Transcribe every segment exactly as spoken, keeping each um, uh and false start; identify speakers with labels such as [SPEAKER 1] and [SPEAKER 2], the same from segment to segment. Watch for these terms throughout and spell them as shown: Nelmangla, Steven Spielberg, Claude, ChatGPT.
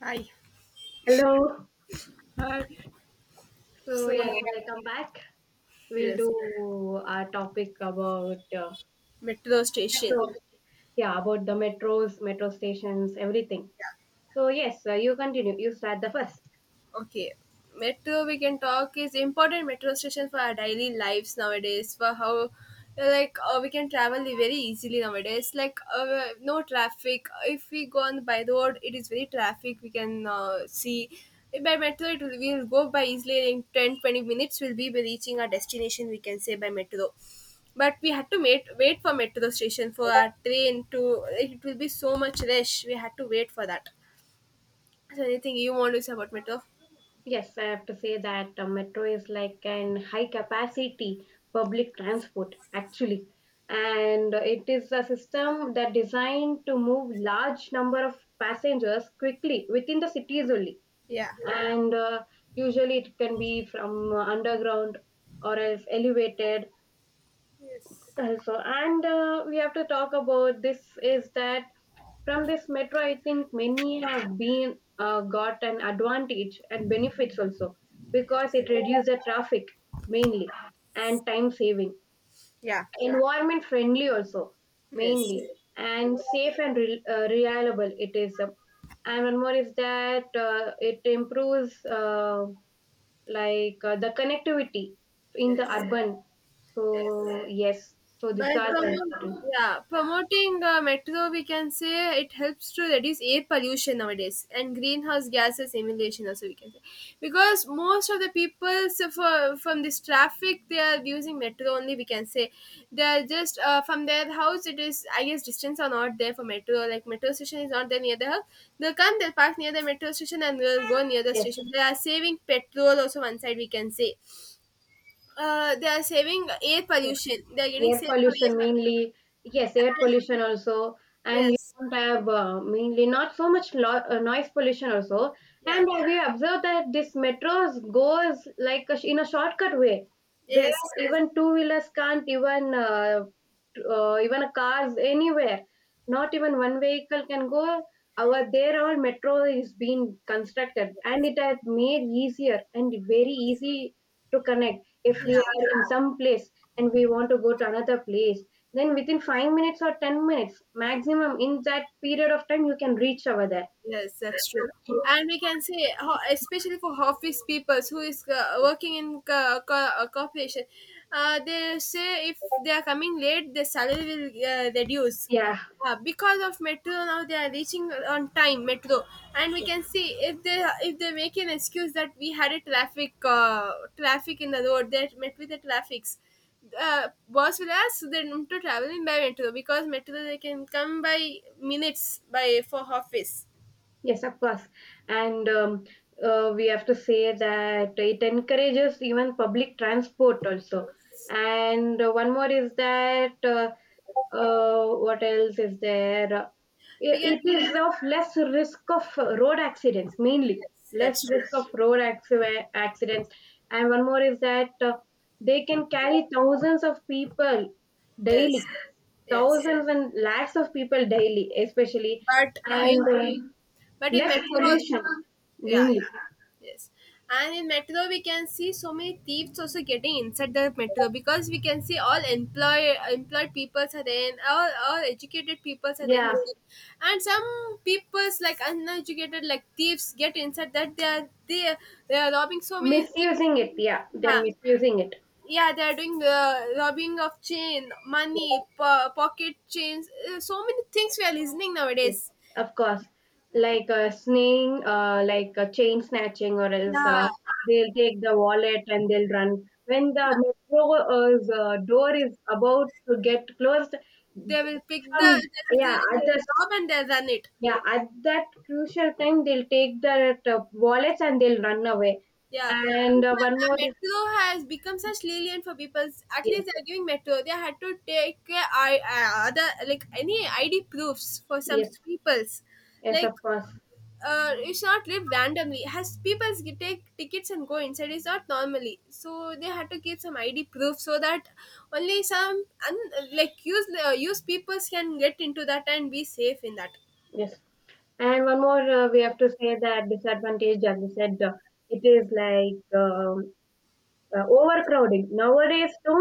[SPEAKER 1] Hi.
[SPEAKER 2] Hello.
[SPEAKER 1] Hi. Yeah.
[SPEAKER 2] So
[SPEAKER 1] So,
[SPEAKER 2] yes, welcome back. We'll
[SPEAKER 1] yes,
[SPEAKER 2] do our topic about uh,
[SPEAKER 1] metro station.
[SPEAKER 2] metros. Yeah, about the metros, metro stations, everything. So yes, uh, you continue. You start the first.
[SPEAKER 1] Okay, metro we can talk is important metro station for our daily lives nowadays. For how like uh, we can travel very easily nowadays. Like uh, no traffic. If we go on by the road, it is very traffic. We can uh, see. By metro, it will will go by easily in ten twenty minutes. We'll be reaching our destination, we can say, by metro, but we had to wait wait for metro station for our train to it will be so much rush, we had to wait for that. So anything you want to say about metro?
[SPEAKER 2] Yes, I have to say that uh, metro is like an high capacity public transport actually, and it is a system that designed to move large number of passengers quickly within the cities only,
[SPEAKER 1] Yeah.
[SPEAKER 2] and uh, usually it can be from uh, underground or else elevated
[SPEAKER 1] Yes.
[SPEAKER 2] also. And uh, we have to talk about this is that from this metro, I think many have been uh, got an advantage and benefits also,
[SPEAKER 1] Yes.
[SPEAKER 2] because it reduces the traffic mainly, and time saving,
[SPEAKER 1] Yeah.
[SPEAKER 2] environment friendly also
[SPEAKER 1] Yes.
[SPEAKER 2] mainly, and safe and re- uh, reliable it is, uh, and one more is that uh, it improves, uh, like uh, the connectivity in the
[SPEAKER 1] Yes.
[SPEAKER 2] urban.
[SPEAKER 1] Yes.
[SPEAKER 2] So yes, so these
[SPEAKER 1] By
[SPEAKER 2] are the
[SPEAKER 1] promo
[SPEAKER 2] important.
[SPEAKER 1] yeah, promoting uh, metro, we can say it helps to reduce air pollution nowadays, and greenhouse gases emulation also, we can say, because most of the people so for, from this traffic they are using metro only, we can say. They are just uh, from their house, it is I guess distance are not there for metro, like metro station is not there near the house. They'll come, they'll park near the metro station, and they'll go near the
[SPEAKER 2] Yes.
[SPEAKER 1] station. They are saving petrol also one side, we can say. Uh, they are saving air pollution, they are getting
[SPEAKER 2] Air
[SPEAKER 1] saved from air
[SPEAKER 2] pollution
[SPEAKER 1] pollution.
[SPEAKER 2] mainly. Yes, air pollution also. And you
[SPEAKER 1] Yes.
[SPEAKER 2] don't have, uh, mainly, not so much lo- uh, noise pollution also. And
[SPEAKER 1] Yeah.
[SPEAKER 2] uh, we observe that this metros goes like a sh- in a shortcut way where
[SPEAKER 1] Yes.
[SPEAKER 2] even two wheelers can't even uh, uh, even a cars anywhere, not even one vehicle can go. Our there, our metro is being constructed, and it has made easier and very easy to connect if
[SPEAKER 1] Yeah.
[SPEAKER 2] we are in some place and we want to go to another place. Then within five minutes or ten minutes maximum, in that period of time, you can reach over there.
[SPEAKER 1] Yes, that's true. And we can say, ho- especially for office people who is uh, working in co- co- uh, corporation, uh, they say if they are coming late, their salary will uh, reduce.
[SPEAKER 2] Yeah.
[SPEAKER 1] Uh, because of metro now they are reaching on time metro, and we can see if they if they make an excuse that we had a traffic uh, traffic in the road, that met with the traffics. Uh, boss will ask them to travel in by metro, because metro they can come by minutes by for office.
[SPEAKER 2] Yes, of course. And um, uh, we have to say that it encourages even public transport also.
[SPEAKER 1] Yes.
[SPEAKER 2] And uh, one more is that uh, uh, what else is there.
[SPEAKER 1] We
[SPEAKER 2] I-
[SPEAKER 1] can,
[SPEAKER 2] it is of less risk of uh, road accidents mainly.
[SPEAKER 1] yes,
[SPEAKER 2] Less
[SPEAKER 1] that's true.
[SPEAKER 2] risk of road acci- accidents. And one more is that uh, they can carry thousands of people daily.
[SPEAKER 1] Yes, yes.
[SPEAKER 2] Thousands and lakhs of people daily especially.
[SPEAKER 1] But uh,
[SPEAKER 2] And
[SPEAKER 1] in
[SPEAKER 2] uh,
[SPEAKER 1] but in
[SPEAKER 2] less
[SPEAKER 1] metro, also,
[SPEAKER 2] pollution
[SPEAKER 1] yeah,
[SPEAKER 2] mainly.
[SPEAKER 1] yeah, yes. And in metro, we can see so many thieves also getting inside the metro, because we can see all employ employed peoples are in, all all educated peoples are in
[SPEAKER 2] Yeah,
[SPEAKER 1] metro, and some peoples like uneducated like thieves get inside that they are they are, they are robbing so many things.
[SPEAKER 2] misusing it. Yeah, they're
[SPEAKER 1] Yeah,
[SPEAKER 2] misusing it.
[SPEAKER 1] yeah, they're doing uh, robbing of chain money po- pocket chains, uh, so many things we are listening
[SPEAKER 2] Yes,
[SPEAKER 1] nowadays.
[SPEAKER 2] of course. Like uh, sneaking, uh, like uh, chain snatching, or else uh,
[SPEAKER 1] Yeah,
[SPEAKER 2] they'll take the wallet and they'll run. When the metro's uh, uh, door is about to get closed, th-
[SPEAKER 1] they will pick
[SPEAKER 2] some,
[SPEAKER 1] the, the,
[SPEAKER 2] yeah, at the
[SPEAKER 1] the,
[SPEAKER 2] s-
[SPEAKER 1] rob and they run it.
[SPEAKER 2] yeah, at that crucial time, they'll take the uh, wallets and they'll run away.
[SPEAKER 1] Yeah.
[SPEAKER 2] And uh, one
[SPEAKER 1] uh,
[SPEAKER 2] more,
[SPEAKER 1] Metro has become such lenient for people. At
[SPEAKER 2] yes,
[SPEAKER 1] least they're giving Metro. They had to take uh, I, uh, other like any I D proofs for some
[SPEAKER 2] yes,
[SPEAKER 1] peoples.
[SPEAKER 2] yes,
[SPEAKER 1] Like
[SPEAKER 2] of course,
[SPEAKER 1] uh, you should not live randomly. Has peoples get- take tickets and go inside is not normally. So they had to give some I D proof so that only some un, like use uh, use peoples can get into that and be safe in that.
[SPEAKER 2] yes. And one more, uh, we have to say that disadvantage, as you said, uh, it is like. um Uh, overcrowding nowadays too,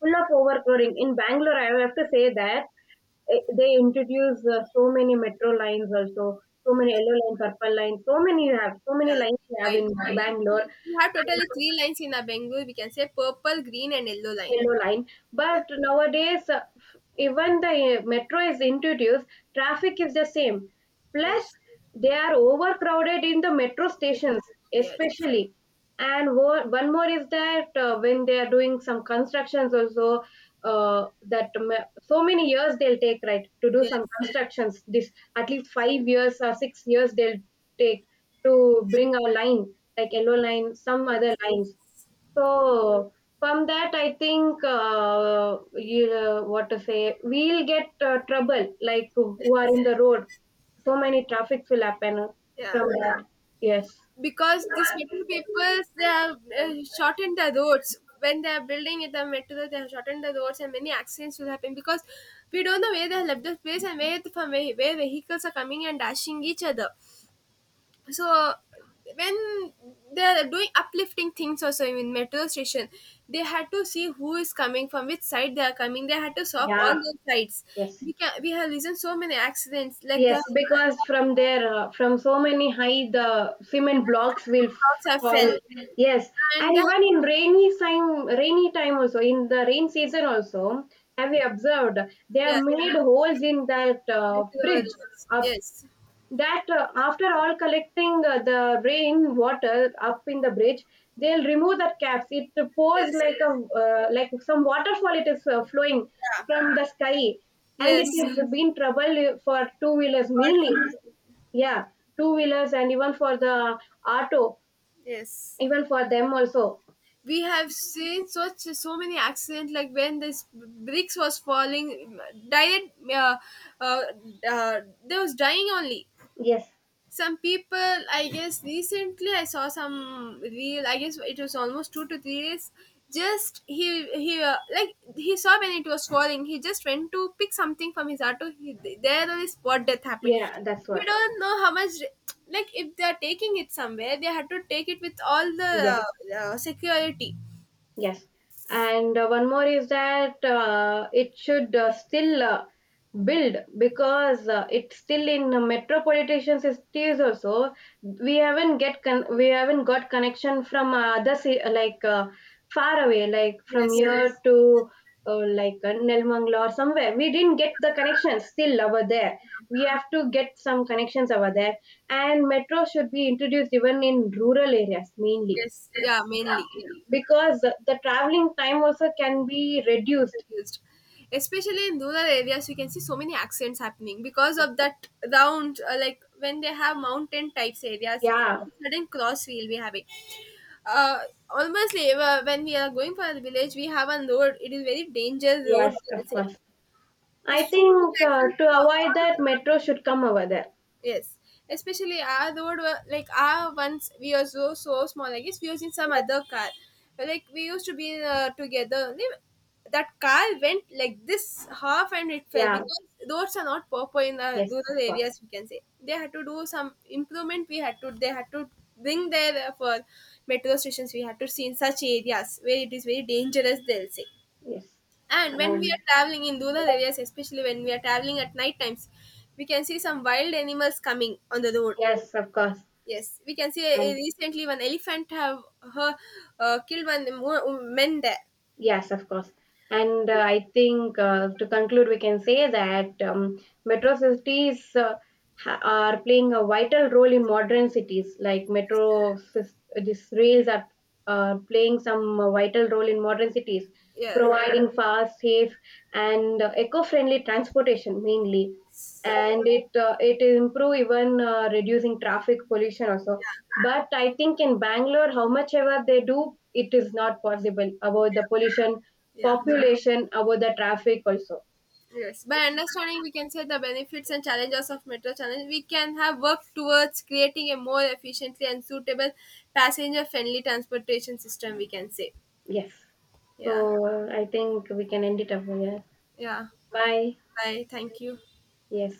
[SPEAKER 2] full of overcrowding in Bangalore, I have to say that. Eh, they introduce uh, so many metro lines also. So many yellow line, purple line, so many you have, so
[SPEAKER 1] Yeah,
[SPEAKER 2] many lines you have
[SPEAKER 1] line.
[SPEAKER 2] in
[SPEAKER 1] We,
[SPEAKER 2] Bangalore.
[SPEAKER 1] we have totally three lines in our Bengal. We can say purple, green, and yellow line.
[SPEAKER 2] Yellow line.
[SPEAKER 1] Yeah,
[SPEAKER 2] But nowadays, uh, f- even the uh, metro is introduced, traffic is the same. Plus,
[SPEAKER 1] yes,
[SPEAKER 2] they are overcrowded in the metro
[SPEAKER 1] the
[SPEAKER 2] stations,
[SPEAKER 1] two. Yes,
[SPEAKER 2] especially. And wo- one more is that uh, when they are doing some constructions also, uh, that ma- so many years they'll take, right, to do
[SPEAKER 1] yes,
[SPEAKER 2] some constructions. This, at least five years or six years they'll take to bring a line, like yellow line, some other
[SPEAKER 1] yes.
[SPEAKER 2] lines. So from that, I think, uh, you know, what to say. We'll get uh, trouble, like who who are in the road. So many traffics will happen
[SPEAKER 1] Yeah,
[SPEAKER 2] from, yeah, that. Yes,
[SPEAKER 1] because these metro people they have uh, shortened the roads when they are building it, the metro. They have shortened the roads, and many accidents will happen because we don't know where they have left the space, and where from where, where vehicles are coming and dashing each other. So when they're doing uplifting things also in metro station, they had to see who is coming from which side they are coming, they had to stop all
[SPEAKER 2] yeah,
[SPEAKER 1] the sides.
[SPEAKER 2] yes,
[SPEAKER 1] We can, we have listened so many accidents like their
[SPEAKER 2] yes, because
[SPEAKER 1] house
[SPEAKER 2] from there, uh, from so many high, the cement blocks will
[SPEAKER 1] have fell,
[SPEAKER 2] fall. Yes, and
[SPEAKER 1] and uh,
[SPEAKER 2] even in rainy time, rainy time also, in the rain season also, have you observed they have
[SPEAKER 1] yeah,
[SPEAKER 2] made holes in that uh,
[SPEAKER 1] metro,
[SPEAKER 2] bridge?
[SPEAKER 1] yes,
[SPEAKER 2] That, uh, after all collecting uh, the rain water up in the bridge, they'll remove that caps. It
[SPEAKER 1] yes,
[SPEAKER 2] pours
[SPEAKER 1] yes,
[SPEAKER 2] like a, uh, like some waterfall, it is uh, flowing
[SPEAKER 1] yeah,
[SPEAKER 2] from the sky. And it
[SPEAKER 1] yes,
[SPEAKER 2] has been trouble for two wheelers
[SPEAKER 1] all
[SPEAKER 2] mainly.
[SPEAKER 1] together.
[SPEAKER 2] Yeah, two wheelers and even for the auto,
[SPEAKER 1] Yes,
[SPEAKER 2] even for them also.
[SPEAKER 1] we have seen such so many accidents like when this bricks was falling direct uh, uh, uh, they was dying only.
[SPEAKER 2] Yes.
[SPEAKER 1] Some people I guess recently I saw some real, I guess it was almost two to three days. Just he he uh, like he saw when it was falling, he just went to pick something from his auto, he, there only spot death happened.
[SPEAKER 2] Yeah, that's
[SPEAKER 1] We
[SPEAKER 2] what.
[SPEAKER 1] don't know how much, like if they are taking it somewhere, they had to take it with all the uh,
[SPEAKER 2] Yes.
[SPEAKER 1] uh, security.
[SPEAKER 2] Yes, and uh, one more is that uh, it should uh, still uh, build, because uh, it's still in uh, metropolitan cities also. We haven't get con- we haven't got connection from uh, other ci- like uh, far away, like from
[SPEAKER 1] Yes,
[SPEAKER 2] here to uh, like uh, Nelmangla or somewhere. We didn't get the connections still over there. We have to get some connections over there, and metro should be introduced even in rural areas mainly,
[SPEAKER 1] yes, yeah, mainly, yeah,
[SPEAKER 2] because the the traveling time also can be reduced.
[SPEAKER 1] confused. Especially in rural areas, you can see so many accidents happening because
[SPEAKER 2] Yeah.
[SPEAKER 1] of that round, uh, like when they have mountain types areas,
[SPEAKER 2] Yeah,
[SPEAKER 1] sudden cross we'll be having. Uh, Almost like, uh, when we are going for a village, we have a road. It is very dangerous road,
[SPEAKER 2] yes,
[SPEAKER 1] they
[SPEAKER 2] of
[SPEAKER 1] say.
[SPEAKER 2] course.
[SPEAKER 1] Uh,
[SPEAKER 2] I
[SPEAKER 1] so many
[SPEAKER 2] think, uh,
[SPEAKER 1] accidents.
[SPEAKER 2] to avoid
[SPEAKER 1] Uh,
[SPEAKER 2] that, metro should come over there.
[SPEAKER 1] Yes, especially our road were like our once we are so so small. I guess we was in some other car, but, like we used to be uh, together. Li- That car went like this half and it fell
[SPEAKER 2] Yeah,
[SPEAKER 1] because roads are not proper in the
[SPEAKER 2] yes,
[SPEAKER 1] rural
[SPEAKER 2] of course.
[SPEAKER 1] areas, we can say. They had to do some improvement. We had to they had to bring their uh, for metro stations. We had to see in such areas where it is very dangerous, they'll say.
[SPEAKER 2] Yes,
[SPEAKER 1] And when we
[SPEAKER 2] um,
[SPEAKER 1] are traveling in rural areas, especially when we are traveling at night times, we can see some wild animals coming on the road.
[SPEAKER 2] yes, of course.
[SPEAKER 1] Yes, we can see uh, recently one elephant have her uh, killed one mo- men there.
[SPEAKER 2] Yes, of course. And uh, I think uh, to conclude, we can say that, um, metro cities uh, ha- are playing a vital role in modern cities. Like metro sys- these rails are uh, playing some uh, vital role in modern cities,
[SPEAKER 1] Yeah,
[SPEAKER 2] providing fast, safe, and uh, eco-friendly transportation mainly. And it, uh, it improve even uh, reducing traffic pollution also,
[SPEAKER 1] yeah,
[SPEAKER 2] but I think in Bangalore, how much ever they do, it is not possible about the pollution,
[SPEAKER 1] yeah.
[SPEAKER 2] population, about the traffic also.
[SPEAKER 1] Yes. By understanding, we can say the benefits and challenges of metro challenge, we can have worked towards creating a more efficiently and suitable passenger-friendly transportation system, we can say,
[SPEAKER 2] Yes.
[SPEAKER 1] yeah,
[SPEAKER 2] So I think we can end it up here.
[SPEAKER 1] yeah.
[SPEAKER 2] Bye.
[SPEAKER 1] Bye. Thank you.
[SPEAKER 2] Yes.